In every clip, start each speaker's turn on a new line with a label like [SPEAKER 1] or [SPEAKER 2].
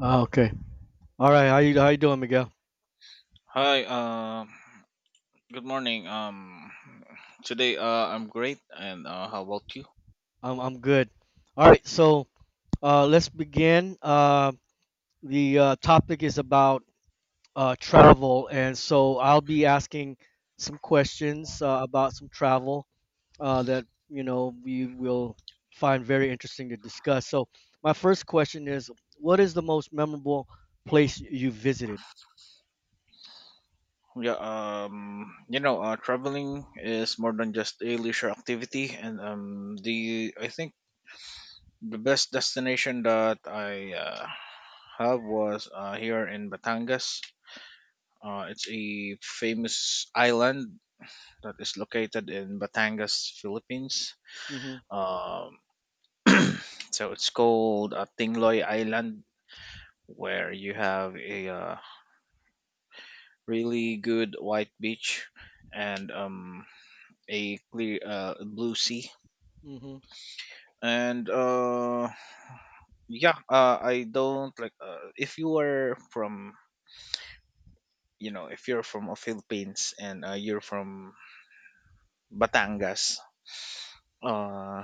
[SPEAKER 1] Ah, okay. All right. How you doing, Miguel?
[SPEAKER 2] Hi, good morning. Today, I'm great, and how about you?
[SPEAKER 1] I'm good. All right. So let's begin. The topic is about travel, and so I'll be asking some questions about some travel that you know we will find very interesting to discuss. So my first question is, what is the most memorable place you visited?
[SPEAKER 2] Yeah, traveling is more than just a leisure activity, and the I think the best destination that I have was here in Batangas. It's a famous island that is located in Batangas, Philippines.
[SPEAKER 1] Mm-hmm.
[SPEAKER 2] Um, so it's called Tingloy Island, where you have a really good white beach and a clear blue sea,
[SPEAKER 1] Mm-hmm.
[SPEAKER 2] and yeah, I don't like, if you are from you know if you're from Philippines, and you're from Batangas. uh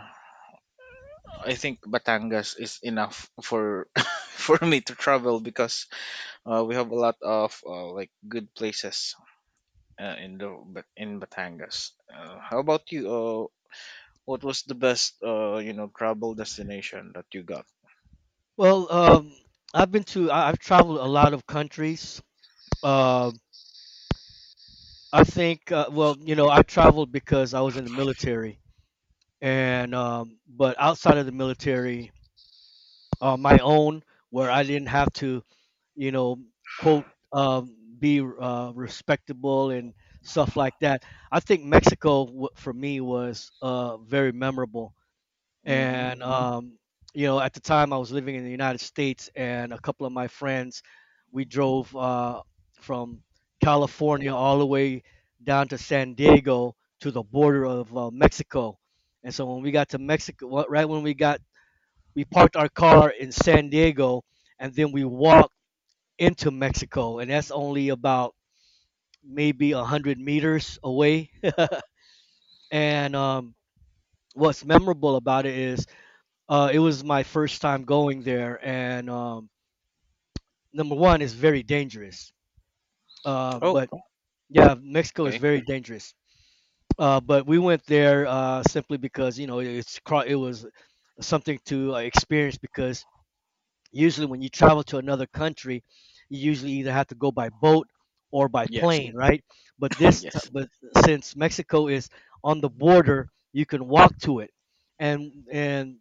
[SPEAKER 2] I think Batangas is enough for for me to travel, because we have a lot of like, good places in the Bat- in Batangas. How about you? What was the best, travel destination that you got?
[SPEAKER 1] Well, um, I've I've traveled a lot of countries. Uh, you know, I traveled because I was in the military, and but outside of the military, my own, where I didn't have to, you know, quote, be respectable and stuff like that. I think for me was very memorable,
[SPEAKER 2] Mm-hmm.
[SPEAKER 1] and you know, at the time I was living in the United States, and a couple of my friends, we drove from California all the way down to San Diego, to the border of Mexico. And so when we got to right when we got, we parked our car in San Diego, and then we walked into Mexico, and that's only about maybe 100 meters away. and What's memorable about it is it was my first time going there, and number one, it's very dangerous. Uh,
[SPEAKER 2] Oh,
[SPEAKER 1] but yeah, Mexico is
[SPEAKER 2] okay.
[SPEAKER 1] very dangerous. But we went there simply because, you know, it was something to experience, because usually when you travel to another country, you usually either have to go by boat or by
[SPEAKER 2] Yes.
[SPEAKER 1] plane, right? But this, t-
[SPEAKER 2] Yes.
[SPEAKER 1] but since Mexico is on the border, you can walk to it. And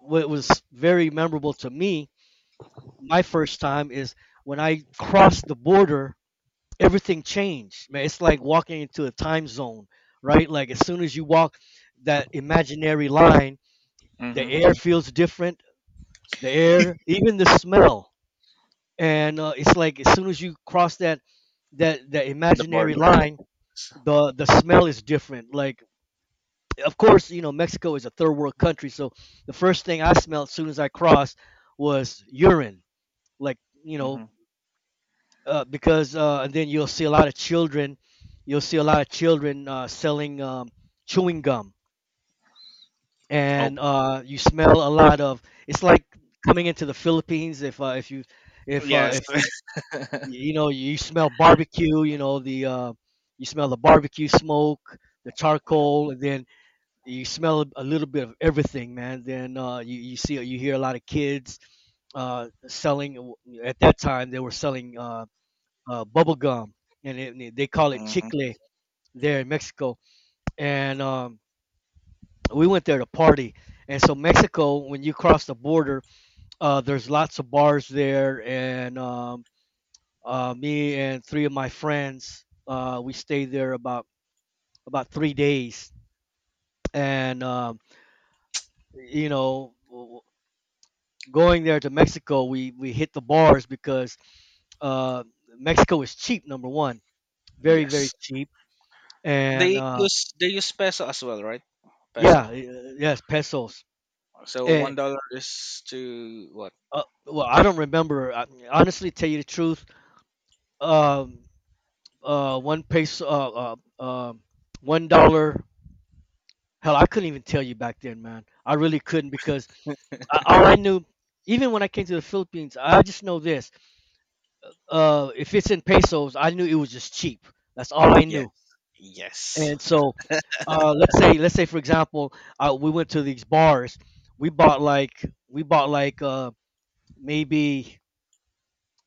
[SPEAKER 1] what was very memorable to me my first time is when I crossed the border, everything changed. Man, it's like walking into a time zone, right? Like as soon as you walk that imaginary line, the
[SPEAKER 2] Mm-hmm.
[SPEAKER 1] air feels different. The air, even the smell, and it's like as soon as you cross that
[SPEAKER 2] The border.
[SPEAKER 1] imaginary line, the smell is different. Like of course, you know, Mexico is a third world country, so the first thing I smelled as soon as I crossed was urine. Like, you know,
[SPEAKER 2] Mm-hmm.
[SPEAKER 1] because and then you'll see a lot of children, you'll see a lot of children selling chewing gum,
[SPEAKER 2] Oh,
[SPEAKER 1] and you smell a lot of. It's like coming into the Philippines if you
[SPEAKER 2] yes.
[SPEAKER 1] if you, you know, you smell barbecue, you know the you smell the barbecue smoke, the charcoal, and then you smell a little bit of everything, man. Then you you see you hear a lot of kids selling at that time they were selling. Bubble gum, and it, and they call it
[SPEAKER 2] Hmm.
[SPEAKER 1] chicle there in Mexico. And We went there to party. And so Mexico, when you cross the border, there's lots of bars there. And Me and three of my friends, we stayed there about 3 days. And You know, going there to Mexico, we hit the bars because uh, Mexico is cheap. Number one, very
[SPEAKER 2] Yes.
[SPEAKER 1] cheap. And
[SPEAKER 2] They use they use peso as well, right? Peso.
[SPEAKER 1] Yeah, yes, pesos.
[SPEAKER 2] So one
[SPEAKER 1] And
[SPEAKER 2] dollar is to what?
[SPEAKER 1] I don't remember. I, honestly, tell you the truth, um, one peso, $1. Hell, I couldn't even tell you back then, man. I really couldn't, because I, all I knew, even when I came to the Philippines, I just know this. If it's in pesos, I knew it was just cheap. That's all I
[SPEAKER 2] Yes.
[SPEAKER 1] knew.
[SPEAKER 2] Yes.
[SPEAKER 1] And so, let's say, let's say, for example, we went to these bars. We bought like uh, maybe.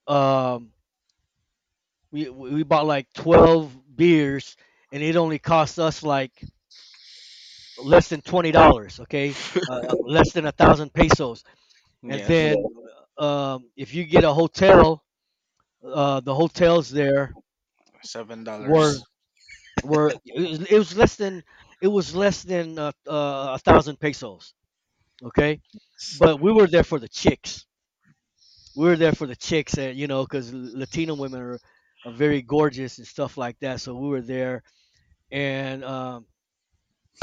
[SPEAKER 1] um we we bought like 12 beers, and it only cost us like less than $20. Okay, less than 1,000 pesos. And then,
[SPEAKER 2] Yes.
[SPEAKER 1] if you get a hotel, the hotels there
[SPEAKER 2] Seven
[SPEAKER 1] were
[SPEAKER 2] dollars.
[SPEAKER 1] it was less than, it was less than 1,000 pesos. Okay.
[SPEAKER 2] So
[SPEAKER 1] But we were there for the chicks. We were there for the chicks, and, you know, because Latino women are very gorgeous and stuff like that, so we were there. and um,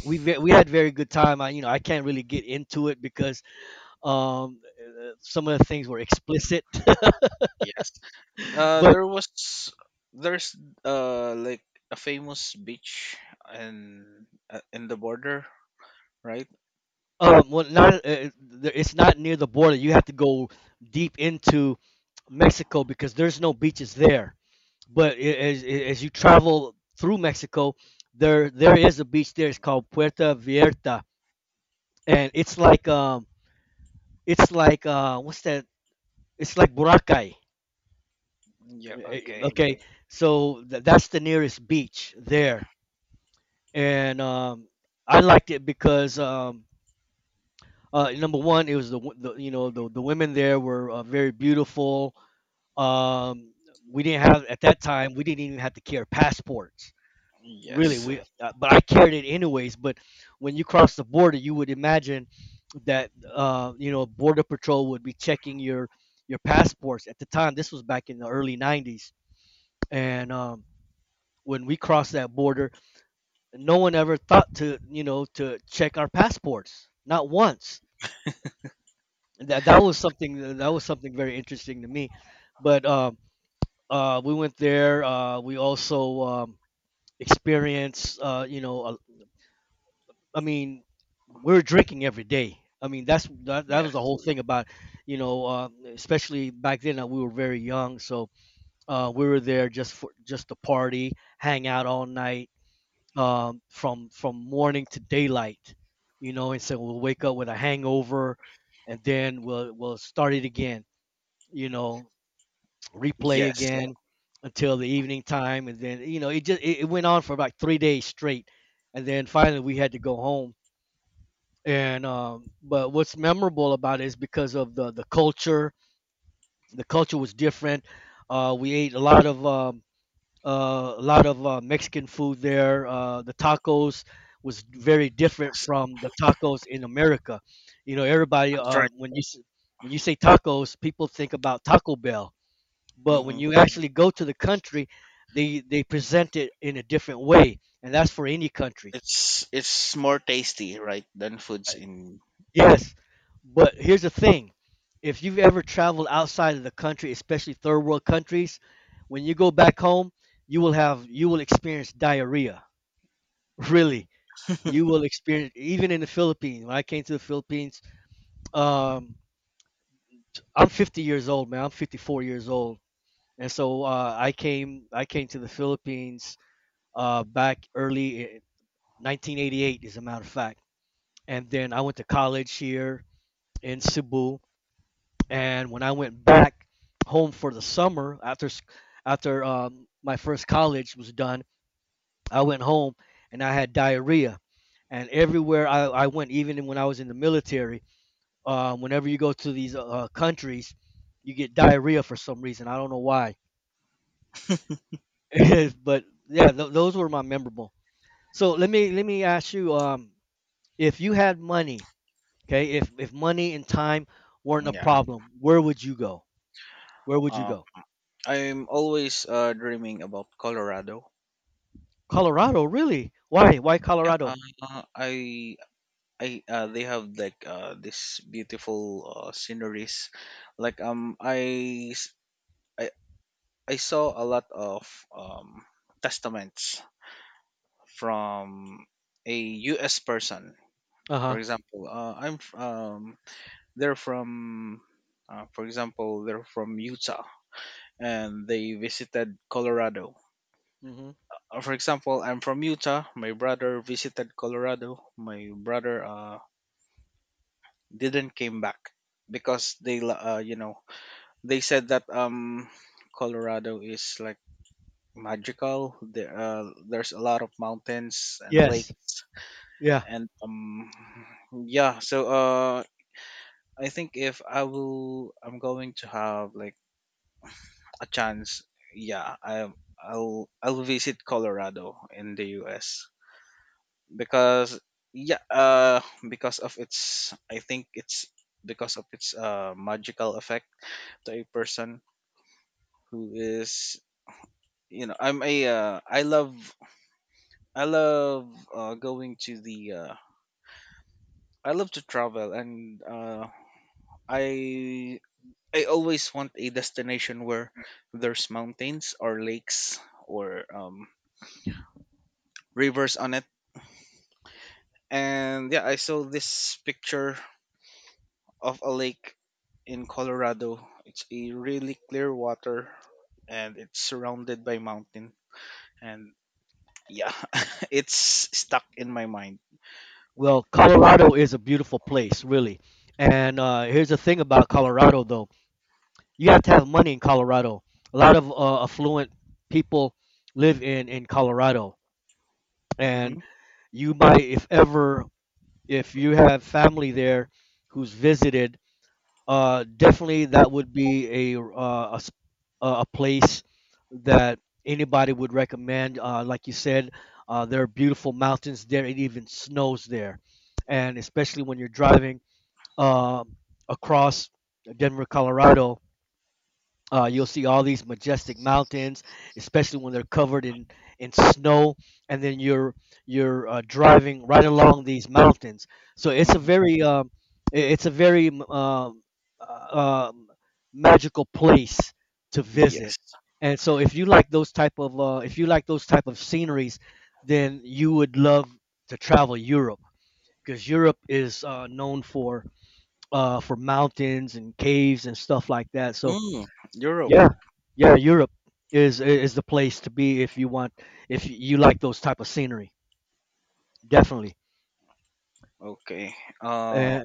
[SPEAKER 1] we had very good time. I, you know, I can't really get into it because some of the things were explicit.
[SPEAKER 2] yes. Uh,
[SPEAKER 1] but
[SPEAKER 2] there was there's like a famous beach in the border, right?
[SPEAKER 1] Not it's not near the border. You have to go deep into Mexico because there's no beaches there. But as you travel through Mexico, there is a beach there. It's called Puerta Vierta, and it's like what's that? It's like Boracay.
[SPEAKER 2] Yeah. Okay.
[SPEAKER 1] Okay, so that's the nearest beach there, and I liked it because number one, it was the, wo- the, you know, the women there were very beautiful. Um, we didn't have, at that time we didn't even have to carry passports really.
[SPEAKER 2] Yes.
[SPEAKER 1] We but I carried it anyways. But when you cross the border, you would imagine that you know, border patrol would be checking your passports. At the time, this was back in the early '90s, and when we crossed that border, no one ever thought to, you know, to check our passports, not once. That was something. That was something very interesting to me. But We went there. We also experienced I mean, we were drinking every day. I mean, that was the
[SPEAKER 2] Yes.
[SPEAKER 1] whole thing about, you know, especially back then, we were very young, so we were there just for, just to party, hang out all night, from morning to daylight, you know, and so we'll wake up with a hangover, and then we'll start it again, you know, replay
[SPEAKER 2] Yes.
[SPEAKER 1] again until the evening time, and then, you know, it just it went on for about 3 days straight, and then finally we had to go home. And But what's memorable about it is because of the culture. The culture was different. We ate a lot of Mexican food there. The tacos was very different
[SPEAKER 2] Yes.
[SPEAKER 1] from the tacos in America. You know, everybody
[SPEAKER 2] That's right.
[SPEAKER 1] when you say tacos, people think about Taco Bell, but when
[SPEAKER 2] Hmm.
[SPEAKER 1] you actually go to the country, they present it in a different way, and that's for any country.
[SPEAKER 2] It's more tasty, right, than foods in.
[SPEAKER 1] Yes, but here's the thing: if you've ever traveled outside of the country, especially third world countries, when you go back home, you will have, you will experience diarrhea. Really, you will experience, even in the Philippines. When I came to the Philippines, um, I'm 50 years old, man. I'm 54 years old, and so I came to the Philippines back early in 1988, as a matter of fact. And then I went to college here in Cebu, and when I went back home for the summer after my first college was done, I went home and I had diarrhea. And everywhere I went, even when I was in the military, whenever you go to these countries, you get diarrhea for some reason. I don't know why. But yeah, th- those were my memorable. So let me ask you, if you had money, okay, if money and time weren't a
[SPEAKER 2] Yeah.
[SPEAKER 1] problem, where would you go? Where would you
[SPEAKER 2] Um,
[SPEAKER 1] go?
[SPEAKER 2] I'm always dreaming about Colorado.
[SPEAKER 1] Colorado, really? Why? Why
[SPEAKER 2] Yeah.
[SPEAKER 1] Colorado?
[SPEAKER 2] Uh, I I they have like this beautiful sceneries, like, I. s- I I saw a lot of testaments from a U.S. person.
[SPEAKER 1] Uh
[SPEAKER 2] For
[SPEAKER 1] huh.
[SPEAKER 2] example, they're from, for example, they're from Utah and they visited Colorado.
[SPEAKER 1] Hmm.
[SPEAKER 2] For example, I'm from Utah. My brother visited Colorado. My brother didn't came back, because you know, they said that, Colorado is like magical. There's a lot of mountains and
[SPEAKER 1] Yes.
[SPEAKER 2] lakes,
[SPEAKER 1] Yeah.
[SPEAKER 2] and yeah. So I think if I will, I'm going to have like a chance. Yeah, I'll visit Colorado in the U.S. because, yeah, because of its, I think it's because of its magical effect to a person who is, you know, I love I love going to the I love to travel, and I I always want a destination where there's mountains or lakes, or rivers on it. And yeah, I saw this picture of a lake in Colorado. It's a really clear water, and it's surrounded by mountain. And yeah, it's stuck in my mind.
[SPEAKER 1] Well, Colorado is a beautiful place, really. And Here's the thing about Colorado, though. You have to have money in Colorado. A lot of affluent people live in Colorado,
[SPEAKER 2] Mm-hmm.
[SPEAKER 1] and you might, if ever, if you have family there who's visited, definitely that would be a a place that anybody would recommend. Like you said, there are beautiful mountains there. It even snows there, and especially when you're driving uh, across Denver, Colorado, you'll see all these majestic mountains, especially when they're covered in snow, and then you're driving right along these mountains. So it's a
[SPEAKER 2] Hmm.
[SPEAKER 1] very I- it's a very uh, um, magical place to visit.
[SPEAKER 2] Yes.
[SPEAKER 1] And so if you like those type of if you like those type of sceneries, then you would love to travel Europe, because Europe is known for mountains and caves and stuff like that. So
[SPEAKER 2] Mm, Europe.
[SPEAKER 1] yeah, yeah, Europe is the place to be if you want, if you like those type of scenery. Definitely.
[SPEAKER 2] Okay. Uh,
[SPEAKER 1] Uh,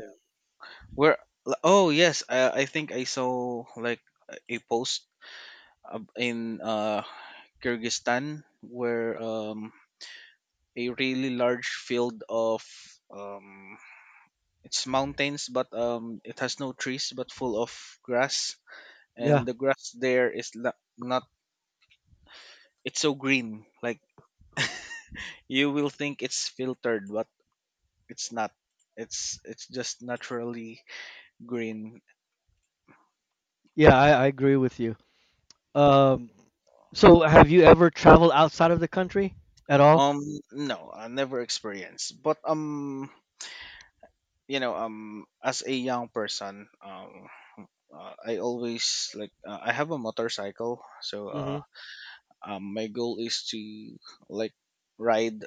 [SPEAKER 2] Where? Oh yes, I think I saw like a post in Kyrgyzstan, where, a really large field of, um, it's mountains, but, it has no trees, but full of grass,
[SPEAKER 1] yeah,
[SPEAKER 2] and the grass there is not, not, it's so green, like you will think it's filtered, but it's not. It's just naturally green.
[SPEAKER 1] yeah, I agree with you. Um, so have you ever traveled outside of the country at all?
[SPEAKER 2] Um, no, I never experienced, but as a young person, I always like I have a motorcycle, so uh
[SPEAKER 1] Mm-hmm.
[SPEAKER 2] um, my goal is to like ride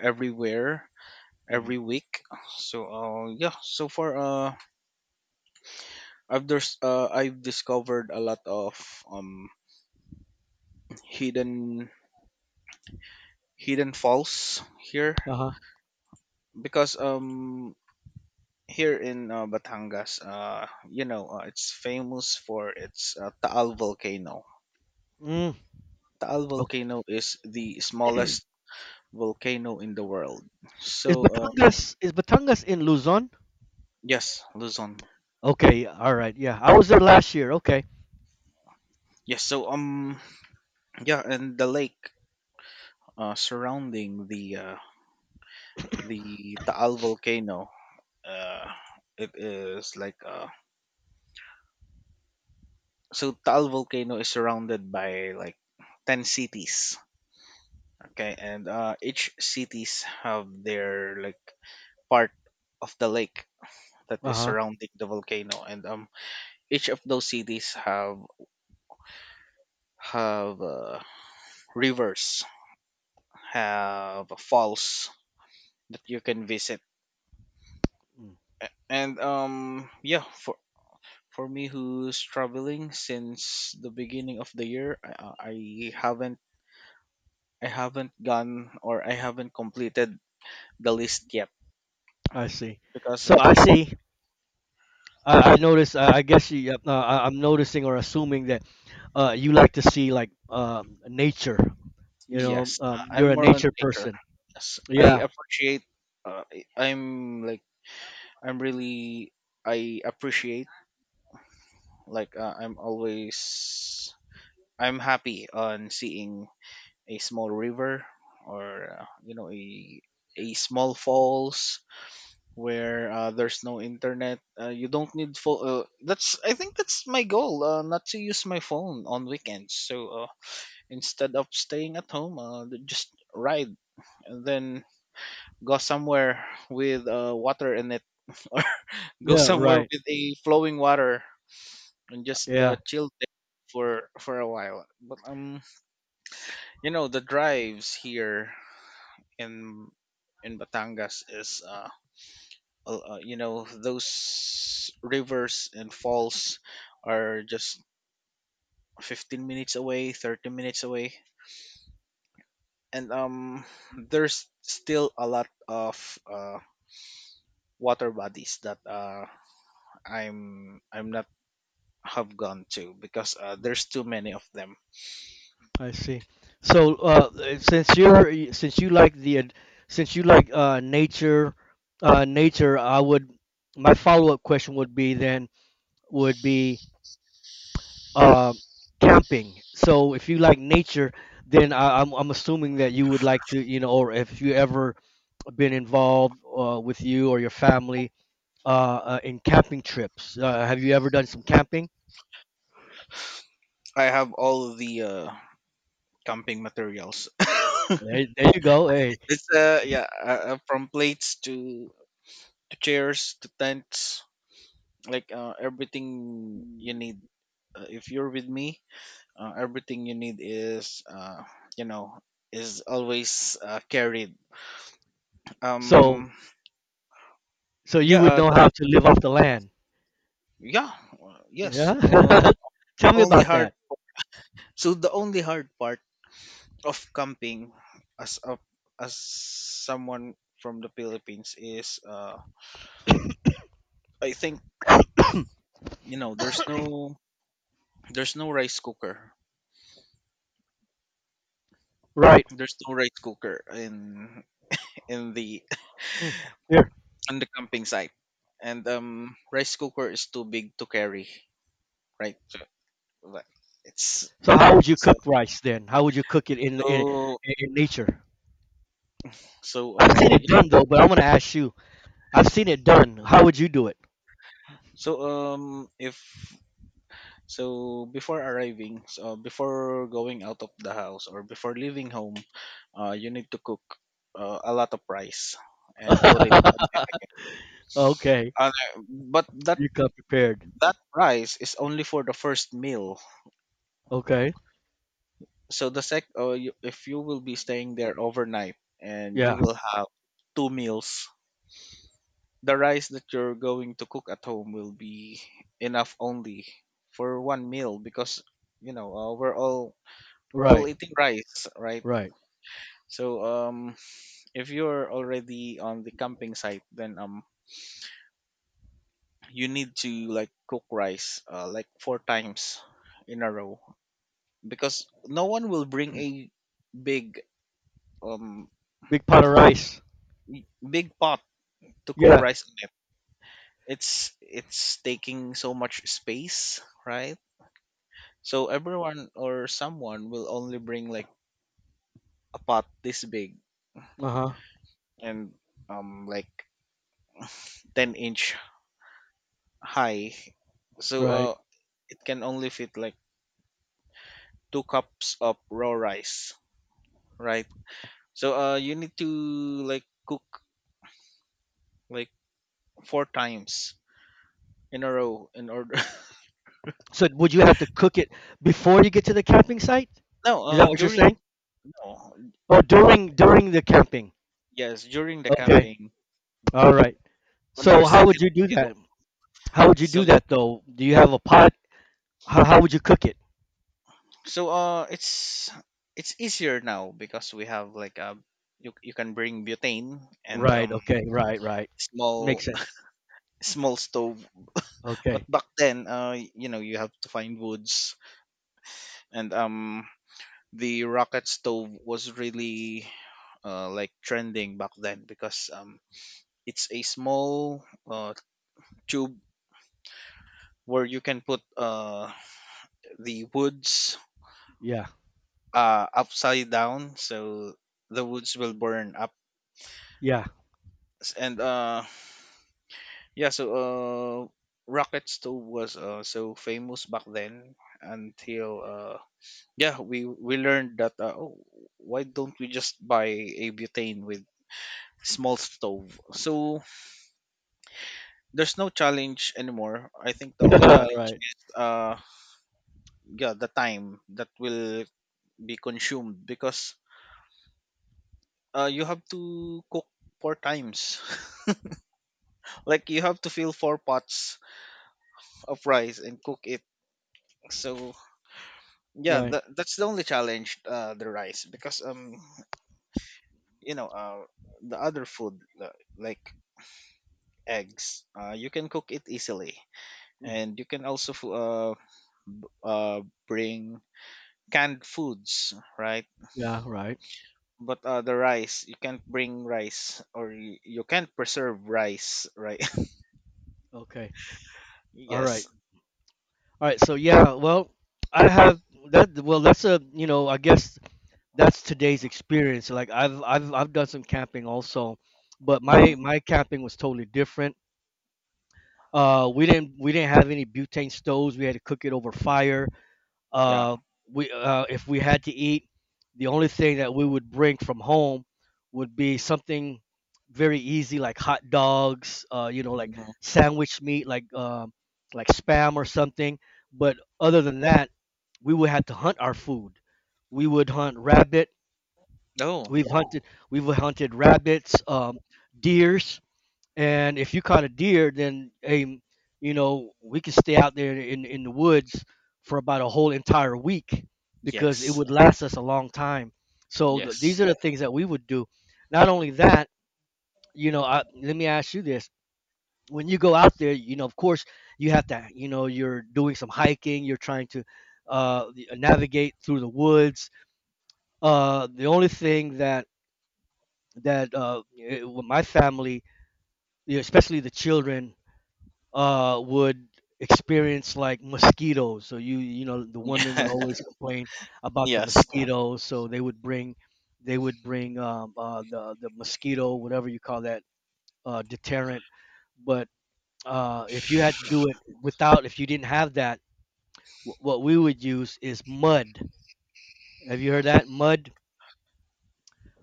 [SPEAKER 2] everywhere,
[SPEAKER 1] Hmm.
[SPEAKER 2] every week. So yeah, so far, I've discovered a lot of um hidden hidden falls here,
[SPEAKER 1] Uh-huh.
[SPEAKER 2] because here in Batangas, it's famous for its Taal volcano.
[SPEAKER 1] Mm.
[SPEAKER 2] Taal
[SPEAKER 1] Okay.
[SPEAKER 2] volcano is the smallest volcano in the world.
[SPEAKER 1] Is
[SPEAKER 2] So um,
[SPEAKER 1] Batangas in Luzon?
[SPEAKER 2] yes, Luzon.
[SPEAKER 1] Okay, all right. Yeah, I was there last year. Okay.
[SPEAKER 2] Yes, so yeah, and the lake, surrounding the Taal volcano, uh it is like, Taal volcano is surrounded by like 10 cities. Okay. And each cities have their, like, part of the lake that is
[SPEAKER 1] Uh-huh.
[SPEAKER 2] surrounding the volcano. And each of those cities have have uh, rivers, have falls that you can visit.
[SPEAKER 1] Mm,
[SPEAKER 2] And yeah, for me who's traveling since the beginning of the year, I haven't gone, or I haven't completed the list yet
[SPEAKER 1] I see.
[SPEAKER 2] because
[SPEAKER 1] So I
[SPEAKER 2] it's.
[SPEAKER 1] see. I notice. I'm noticing or assuming that you like to see nature.
[SPEAKER 2] Yes,
[SPEAKER 1] You're
[SPEAKER 2] I'm
[SPEAKER 1] a
[SPEAKER 2] more on
[SPEAKER 1] nature
[SPEAKER 2] nature.
[SPEAKER 1] person.
[SPEAKER 2] Yes, I
[SPEAKER 1] Yeah,
[SPEAKER 2] appreciate. Uh, I- I'm like I'm really I appreciate, like, I'm happy on seeing a small river, or, a small falls, where, there's no internet, you don't need full. That's I think That's my goal, not to use my phone on weekends. So instead of staying at home, just ride, and then go somewhere with water in it, or go
[SPEAKER 1] yeah,
[SPEAKER 2] somewhere
[SPEAKER 1] right.
[SPEAKER 2] with a flowing water, and just
[SPEAKER 1] Yeah,
[SPEAKER 2] chill there for a while. But you know, the drives here in in Batangas is, you know, those rivers and falls are just 15 minutes away, 30 minutes away. And there's still a lot of uh water bodies that I'm not have gone to because, there's too many of them.
[SPEAKER 1] I see. So since you like the ad- since you like nature, I would my follow up question would be then would be um camping. So if you like nature, then I'm assuming that you would like to, you know, or if you ever been involved with you or your family in camping trips. Have you ever done some camping?
[SPEAKER 2] I have all the camping materials.
[SPEAKER 1] There you go. Hey,
[SPEAKER 2] it's Yeah. From plates to chairs to tents, like, everything you need, if you're with me, everything you need is you know, is always carried.
[SPEAKER 1] so
[SPEAKER 2] Um
[SPEAKER 1] you
[SPEAKER 2] yeah
[SPEAKER 1] would know
[SPEAKER 2] the,
[SPEAKER 1] how to live off the land.
[SPEAKER 2] yeah yes
[SPEAKER 1] Yeah. Tell me
[SPEAKER 2] only
[SPEAKER 1] about
[SPEAKER 2] hard
[SPEAKER 1] that.
[SPEAKER 2] So the only hard part of camping as a as someone from the Philippines is, I think, you know, there's no rice cooker.
[SPEAKER 1] Right.
[SPEAKER 2] There's no rice cooker in the
[SPEAKER 1] Mm, here.
[SPEAKER 2] on the camping site, and rice cooker is too big to carry, right? So, but it's,
[SPEAKER 1] So how would you
[SPEAKER 2] so
[SPEAKER 1] cook rice then? How would you cook it
[SPEAKER 2] so
[SPEAKER 1] in nature?
[SPEAKER 2] so
[SPEAKER 1] I've seen
[SPEAKER 2] yeah.
[SPEAKER 1] it done though, but I'm gonna ask you. I've seen it done. How would you do it?
[SPEAKER 2] So if so before arriving, before going out of the house, or before leaving home, you need to cook a lot of rice and put it on.
[SPEAKER 1] Okay.
[SPEAKER 2] on but that
[SPEAKER 1] You come prepared.
[SPEAKER 2] that rice is only for the first meal.
[SPEAKER 1] Okay.
[SPEAKER 2] So if you will be staying there overnight, and you
[SPEAKER 1] Yeah.
[SPEAKER 2] will have two meals, the rice that you're going to cook at home will be enough only for one meal, because, you know, we're all
[SPEAKER 1] Right.
[SPEAKER 2] eating rice, right?
[SPEAKER 1] Right.
[SPEAKER 2] So, if you're already on the camping site, then, you need to like cook rice like four times in a row, because no one will bring a big um
[SPEAKER 1] Big pot of rice.
[SPEAKER 2] y- big pot to cook
[SPEAKER 1] Yeah.
[SPEAKER 2] rice on it. It's taking so much space, right? So everyone, or someone, will only bring like a pot this big,
[SPEAKER 1] Uh huh.
[SPEAKER 2] and like 10-inch high. So
[SPEAKER 1] Right.
[SPEAKER 2] uh it can only fit like two cups of raw rice, right? So you need to, like, cook, like, four times in a row in order.
[SPEAKER 1] So would you have to cook it before you get to the camping site?
[SPEAKER 2] No,
[SPEAKER 1] Is that what you're
[SPEAKER 2] during.
[SPEAKER 1] saying?
[SPEAKER 2] No.
[SPEAKER 1] Or during the camping?
[SPEAKER 2] Yes, during the
[SPEAKER 1] Okay.
[SPEAKER 2] camping,
[SPEAKER 1] All right.
[SPEAKER 2] on your
[SPEAKER 1] So how would
[SPEAKER 2] second
[SPEAKER 1] you do
[SPEAKER 2] meal.
[SPEAKER 1] that? How would you
[SPEAKER 2] So,
[SPEAKER 1] do that though? Do you
[SPEAKER 2] yeah,
[SPEAKER 1] have a pot? How would you cook it?
[SPEAKER 2] so uh it's it's easier now, because we have like a, you can bring butane, and
[SPEAKER 1] Right. Okay. Right. Right. Makes
[SPEAKER 2] small,
[SPEAKER 1] sense.
[SPEAKER 2] small stove. But
[SPEAKER 1] Okay.
[SPEAKER 2] back then, you know, you have to find woods, and the rocket stove was really, like, trending back then, because it's a small, uh tube where you can put, the woods,
[SPEAKER 1] Yeah.
[SPEAKER 2] upside down, so the woods will burn up.
[SPEAKER 1] Yeah.
[SPEAKER 2] And Yeah, rocket stove was, so famous back then, until, yeah, we learned that, oh, why don't we just buy a butane with small stove? So there's no challenge anymore. I think the only challenge
[SPEAKER 1] Right.
[SPEAKER 2] is, yeah, the time that will be consumed, because you have to cook four times. Like, you have to fill four pots of rice and cook it. So, yeah,
[SPEAKER 1] Right.
[SPEAKER 2] that's the only challenge, the rice, because you know, the other food, like eggs, you can cook it easily,
[SPEAKER 1] Mhm.
[SPEAKER 2] and you can also uh bring canned foods, right?
[SPEAKER 1] Yeah. Right.
[SPEAKER 2] But the rice, you can't bring rice, or you can't preserve rice, right?
[SPEAKER 1] Okay. All
[SPEAKER 2] Yes.
[SPEAKER 1] right. All right. So yeah. Well, I have that. Well, that's a, you know, I guess that's today's experience. Like I've done some camping also, but
[SPEAKER 2] Mm-hmm.
[SPEAKER 1] my camping was totally different. We didn't we didn't have any butane stoves. We had to cook it over fire.
[SPEAKER 2] Yeah.
[SPEAKER 1] Uh, we If we had to eat, the only thing that we would bring from home would be something very easy, like hot dogs. You know, like
[SPEAKER 2] Mm-hmm.
[SPEAKER 1] sandwich meat, like spam or something. But other than that, we would have to hunt our food. We would hunt rabbit
[SPEAKER 2] Oh,
[SPEAKER 1] We've hunted, we've hunted rabbits, deers, and if you caught a deer, then you know, we could stay out there in the woods for about a whole entire week because it
[SPEAKER 2] yes.
[SPEAKER 1] would last us a long time. So th
[SPEAKER 2] Yes.
[SPEAKER 1] these are the things that we would do. Not only that, you know, I, let me ask you this: when you go out there, you know, of course, you have to, you know, you're doing some hiking, you're trying to navigate through the woods. The only thing that my family, yeah, especially the children, would experience, like mosquitoes. So, you know, the women would
[SPEAKER 2] Yeah.
[SPEAKER 1] always complain about the
[SPEAKER 2] Yes.
[SPEAKER 1] mosquitoes. So they would bring the mosquito, whatever you call that, deterrent. But if you had to do it without, if you didn't have that, what we would use is mud. Have you heard that mud?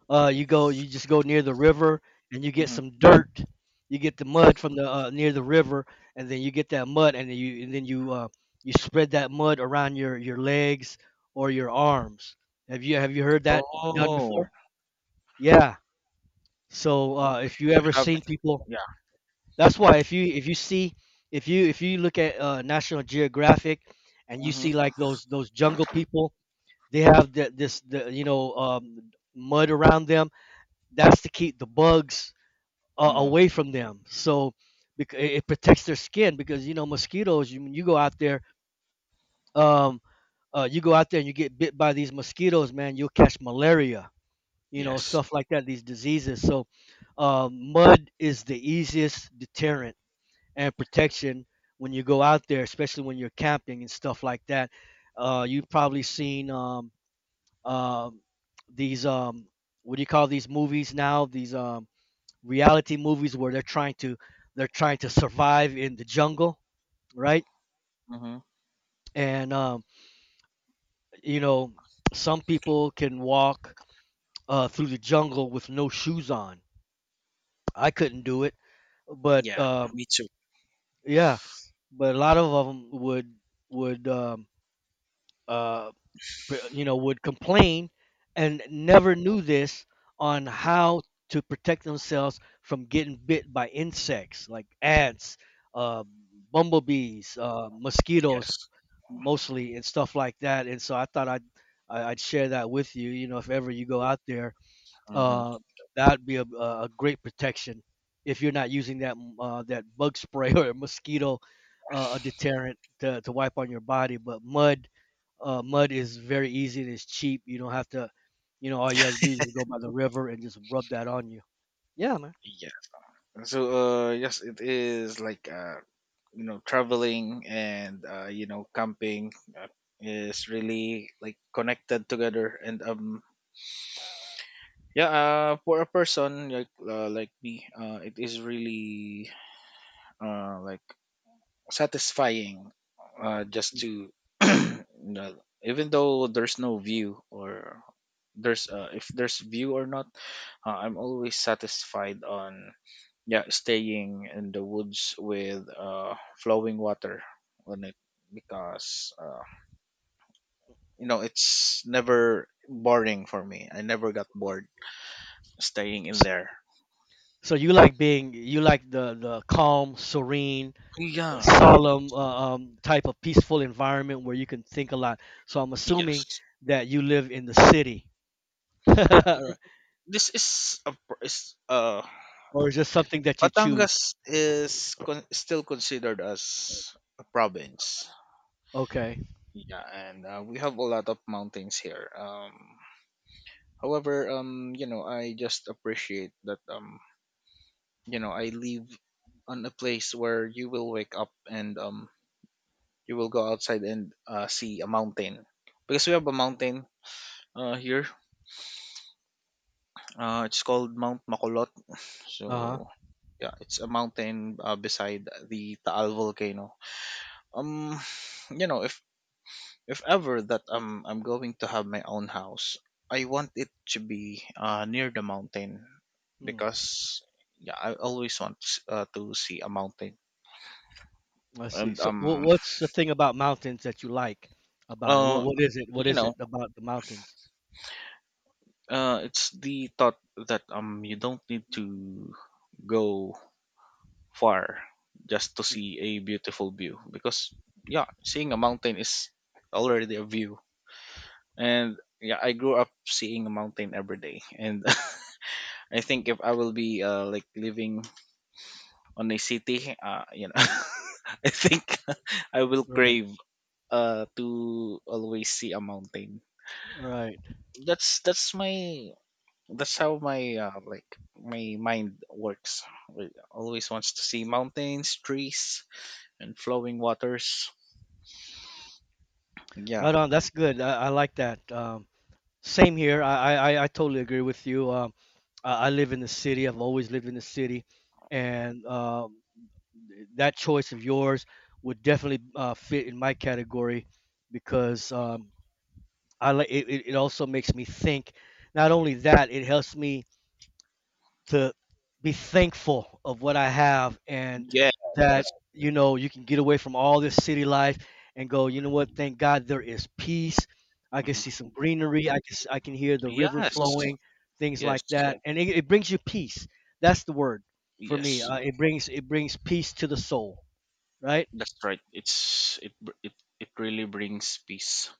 [SPEAKER 1] You go, you just go near the river, and you get
[SPEAKER 2] Hmm.
[SPEAKER 1] some dirt. You get the mud from the near the river, and then you get that mud, and then you spread that mud around your legs or your arms. Have you heard that done
[SPEAKER 2] Oh,
[SPEAKER 1] before? Yeah. So
[SPEAKER 2] okay.
[SPEAKER 1] if you ever
[SPEAKER 2] Have-
[SPEAKER 1] seen people,
[SPEAKER 2] yeah.
[SPEAKER 1] that's why if you see if you look at National Geographic and you
[SPEAKER 2] Mm-hmm.
[SPEAKER 1] see like those jungle people, they have the, this the you know, mud around them. That's to keep the bugs
[SPEAKER 2] Mm.
[SPEAKER 1] away from them. So it protects their skin, because you know mosquitoes. You go out there, um, you go out there and you get bit by these mosquitoes, man. You'll catch malaria, you know,
[SPEAKER 2] Yes.
[SPEAKER 1] stuff like that. These diseases. So mud is the easiest deterrent and protection when you go out there, especially when you're camping and stuff like that. You've probably seen um, these what do you call these movies now? These reality movies where they're trying to survive in the jungle, right?
[SPEAKER 2] Hmm.
[SPEAKER 1] And you know, some people can walk through the jungle with no shoes on. I couldn't do it, but
[SPEAKER 2] Yeah, me too.
[SPEAKER 1] yeah, but a lot of them would would um, uh, you know, would complain and never knew this on how to protect themselves from getting bit by insects like ants, uh, bumblebees, mosquitoes
[SPEAKER 2] Yes.
[SPEAKER 1] mostly and stuff like that. And so I thought I would share that with you. You know, if ever you go out there,
[SPEAKER 2] Hmm.
[SPEAKER 1] uh, that'd be a great protection if you're not using that that bug spray or mosquito a deterrent to wipe on your body. But mud, mud is very easy and it's cheap. You don't have to, you know, all you have to do is go by the river and just rub that on you. Yeah, man.
[SPEAKER 2] Yes. So, yes, it is like, traveling, and, camping, is really like connected together. And, yeah, for a person like me, it is really, like, satisfying, just
[SPEAKER 1] Mm.
[SPEAKER 2] to, you know, even though there's no view, or there's, if there's view or not. I'm always satisfied on, yeah, staying in the woods with, flowing water on it, because, you know, it's never boring for me. I never got bored staying in
[SPEAKER 1] So,
[SPEAKER 2] there.
[SPEAKER 1] you like being, you like the calm, serene,
[SPEAKER 2] Yeah,
[SPEAKER 1] solemn type of peaceful environment where you can think a lot. So I'm assuming
[SPEAKER 2] yes.
[SPEAKER 1] that you live in the city,
[SPEAKER 2] Mm. This is a pr- is uh
[SPEAKER 1] or is this something that you choose?
[SPEAKER 2] Batangas is still considered as a province.
[SPEAKER 1] Okay.
[SPEAKER 2] Yeah, and we have a lot of mountains here. However, you know, I just appreciate that, you know, I live on a place where you will wake up, and, you will go outside, and see a mountain, because we have a mountain here. It's called Mount Makulot.
[SPEAKER 1] Uh
[SPEAKER 2] So,
[SPEAKER 1] huh.
[SPEAKER 2] yeah, it's a mountain, beside the Taal volcano. Um, you know, If ever that, I'm going to have my own house, I want it to be, near the mountain,
[SPEAKER 1] Hmm.
[SPEAKER 2] because, yeah, I always want to, to see a mountain.
[SPEAKER 1] I see.
[SPEAKER 2] And,
[SPEAKER 1] So what's the thing about mountains that you like about it?
[SPEAKER 2] uh,
[SPEAKER 1] What is it? What
[SPEAKER 2] you
[SPEAKER 1] is
[SPEAKER 2] know,
[SPEAKER 1] it about the mountains?
[SPEAKER 2] it's the thought that, you don't need to go far just to
[SPEAKER 1] Mm,
[SPEAKER 2] see a beautiful view, because, yeah, seeing a mountain is already a view. And, yeah, I grew up seeing a mountain every day, and I think if I will be, like, living on a city, you know, I think I will
[SPEAKER 1] right,
[SPEAKER 2] crave to always see a mountain.
[SPEAKER 1] right,
[SPEAKER 2] That's that's my that's how my, like, my mind works. It always wants to see mountains, trees, and flowing waters. Yeah,
[SPEAKER 1] right on. That's good. I like that. Same here. I totally agree with you. I live in the city. I've always lived in the city, and that choice of yours would definitely fit in my category, because I like it, it also makes me think. Not only that, it helps me to be thankful of what I have, and
[SPEAKER 2] yeah,
[SPEAKER 1] that,
[SPEAKER 2] that's.
[SPEAKER 1] you know, you can get away from all this city life and go. You know what? Thank God there is peace. I can
[SPEAKER 2] Mhm.
[SPEAKER 1] see some greenery. I can hear the river
[SPEAKER 2] Yes,
[SPEAKER 1] flowing, things like
[SPEAKER 2] yes,
[SPEAKER 1] that, and it brings you peace. That's the word for me.
[SPEAKER 2] yes.
[SPEAKER 1] It brings, it brings peace to the soul, right?
[SPEAKER 2] That's right. It's it br- it really brings peace.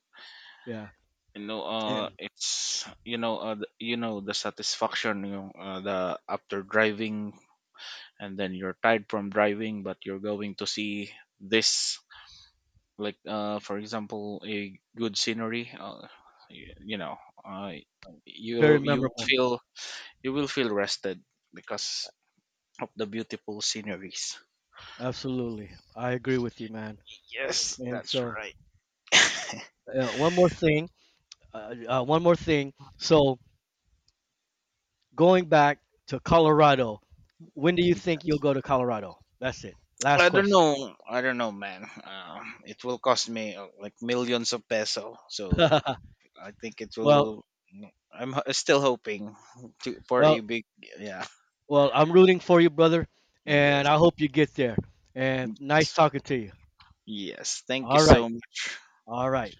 [SPEAKER 1] Yeah,
[SPEAKER 2] You know,
[SPEAKER 1] and
[SPEAKER 2] it's, you know, the, you know, the satisfaction, you know, the, after driving, and then you're tired from driving, but you're going to see this, like, for example, a good scenery, you know, uh,
[SPEAKER 1] very
[SPEAKER 2] you you
[SPEAKER 1] memorable.
[SPEAKER 2] feel you will feel rested because of the beautiful sceneries.
[SPEAKER 1] Absolutely, I agree with you, man.
[SPEAKER 2] Yes,
[SPEAKER 1] And
[SPEAKER 2] that's
[SPEAKER 1] so,
[SPEAKER 2] right.
[SPEAKER 1] uh, one more thing, one more thing. So, going back to Colorado, when do you think you'll go to Colorado? That's it. Last
[SPEAKER 2] I don't
[SPEAKER 1] question.
[SPEAKER 2] know. I don't know, man. It will cost me, like, millions of peso. So I think it
[SPEAKER 1] Well,
[SPEAKER 2] will. Mm, still hoping to for a
[SPEAKER 1] well,
[SPEAKER 2] big. Yeah.
[SPEAKER 1] well, I'm rooting for you, brother, and
[SPEAKER 2] Yes.
[SPEAKER 1] I hope you get there. And nice talking to you.
[SPEAKER 2] Yes. Thank you
[SPEAKER 1] All
[SPEAKER 2] so
[SPEAKER 1] right,
[SPEAKER 2] much.
[SPEAKER 1] all right.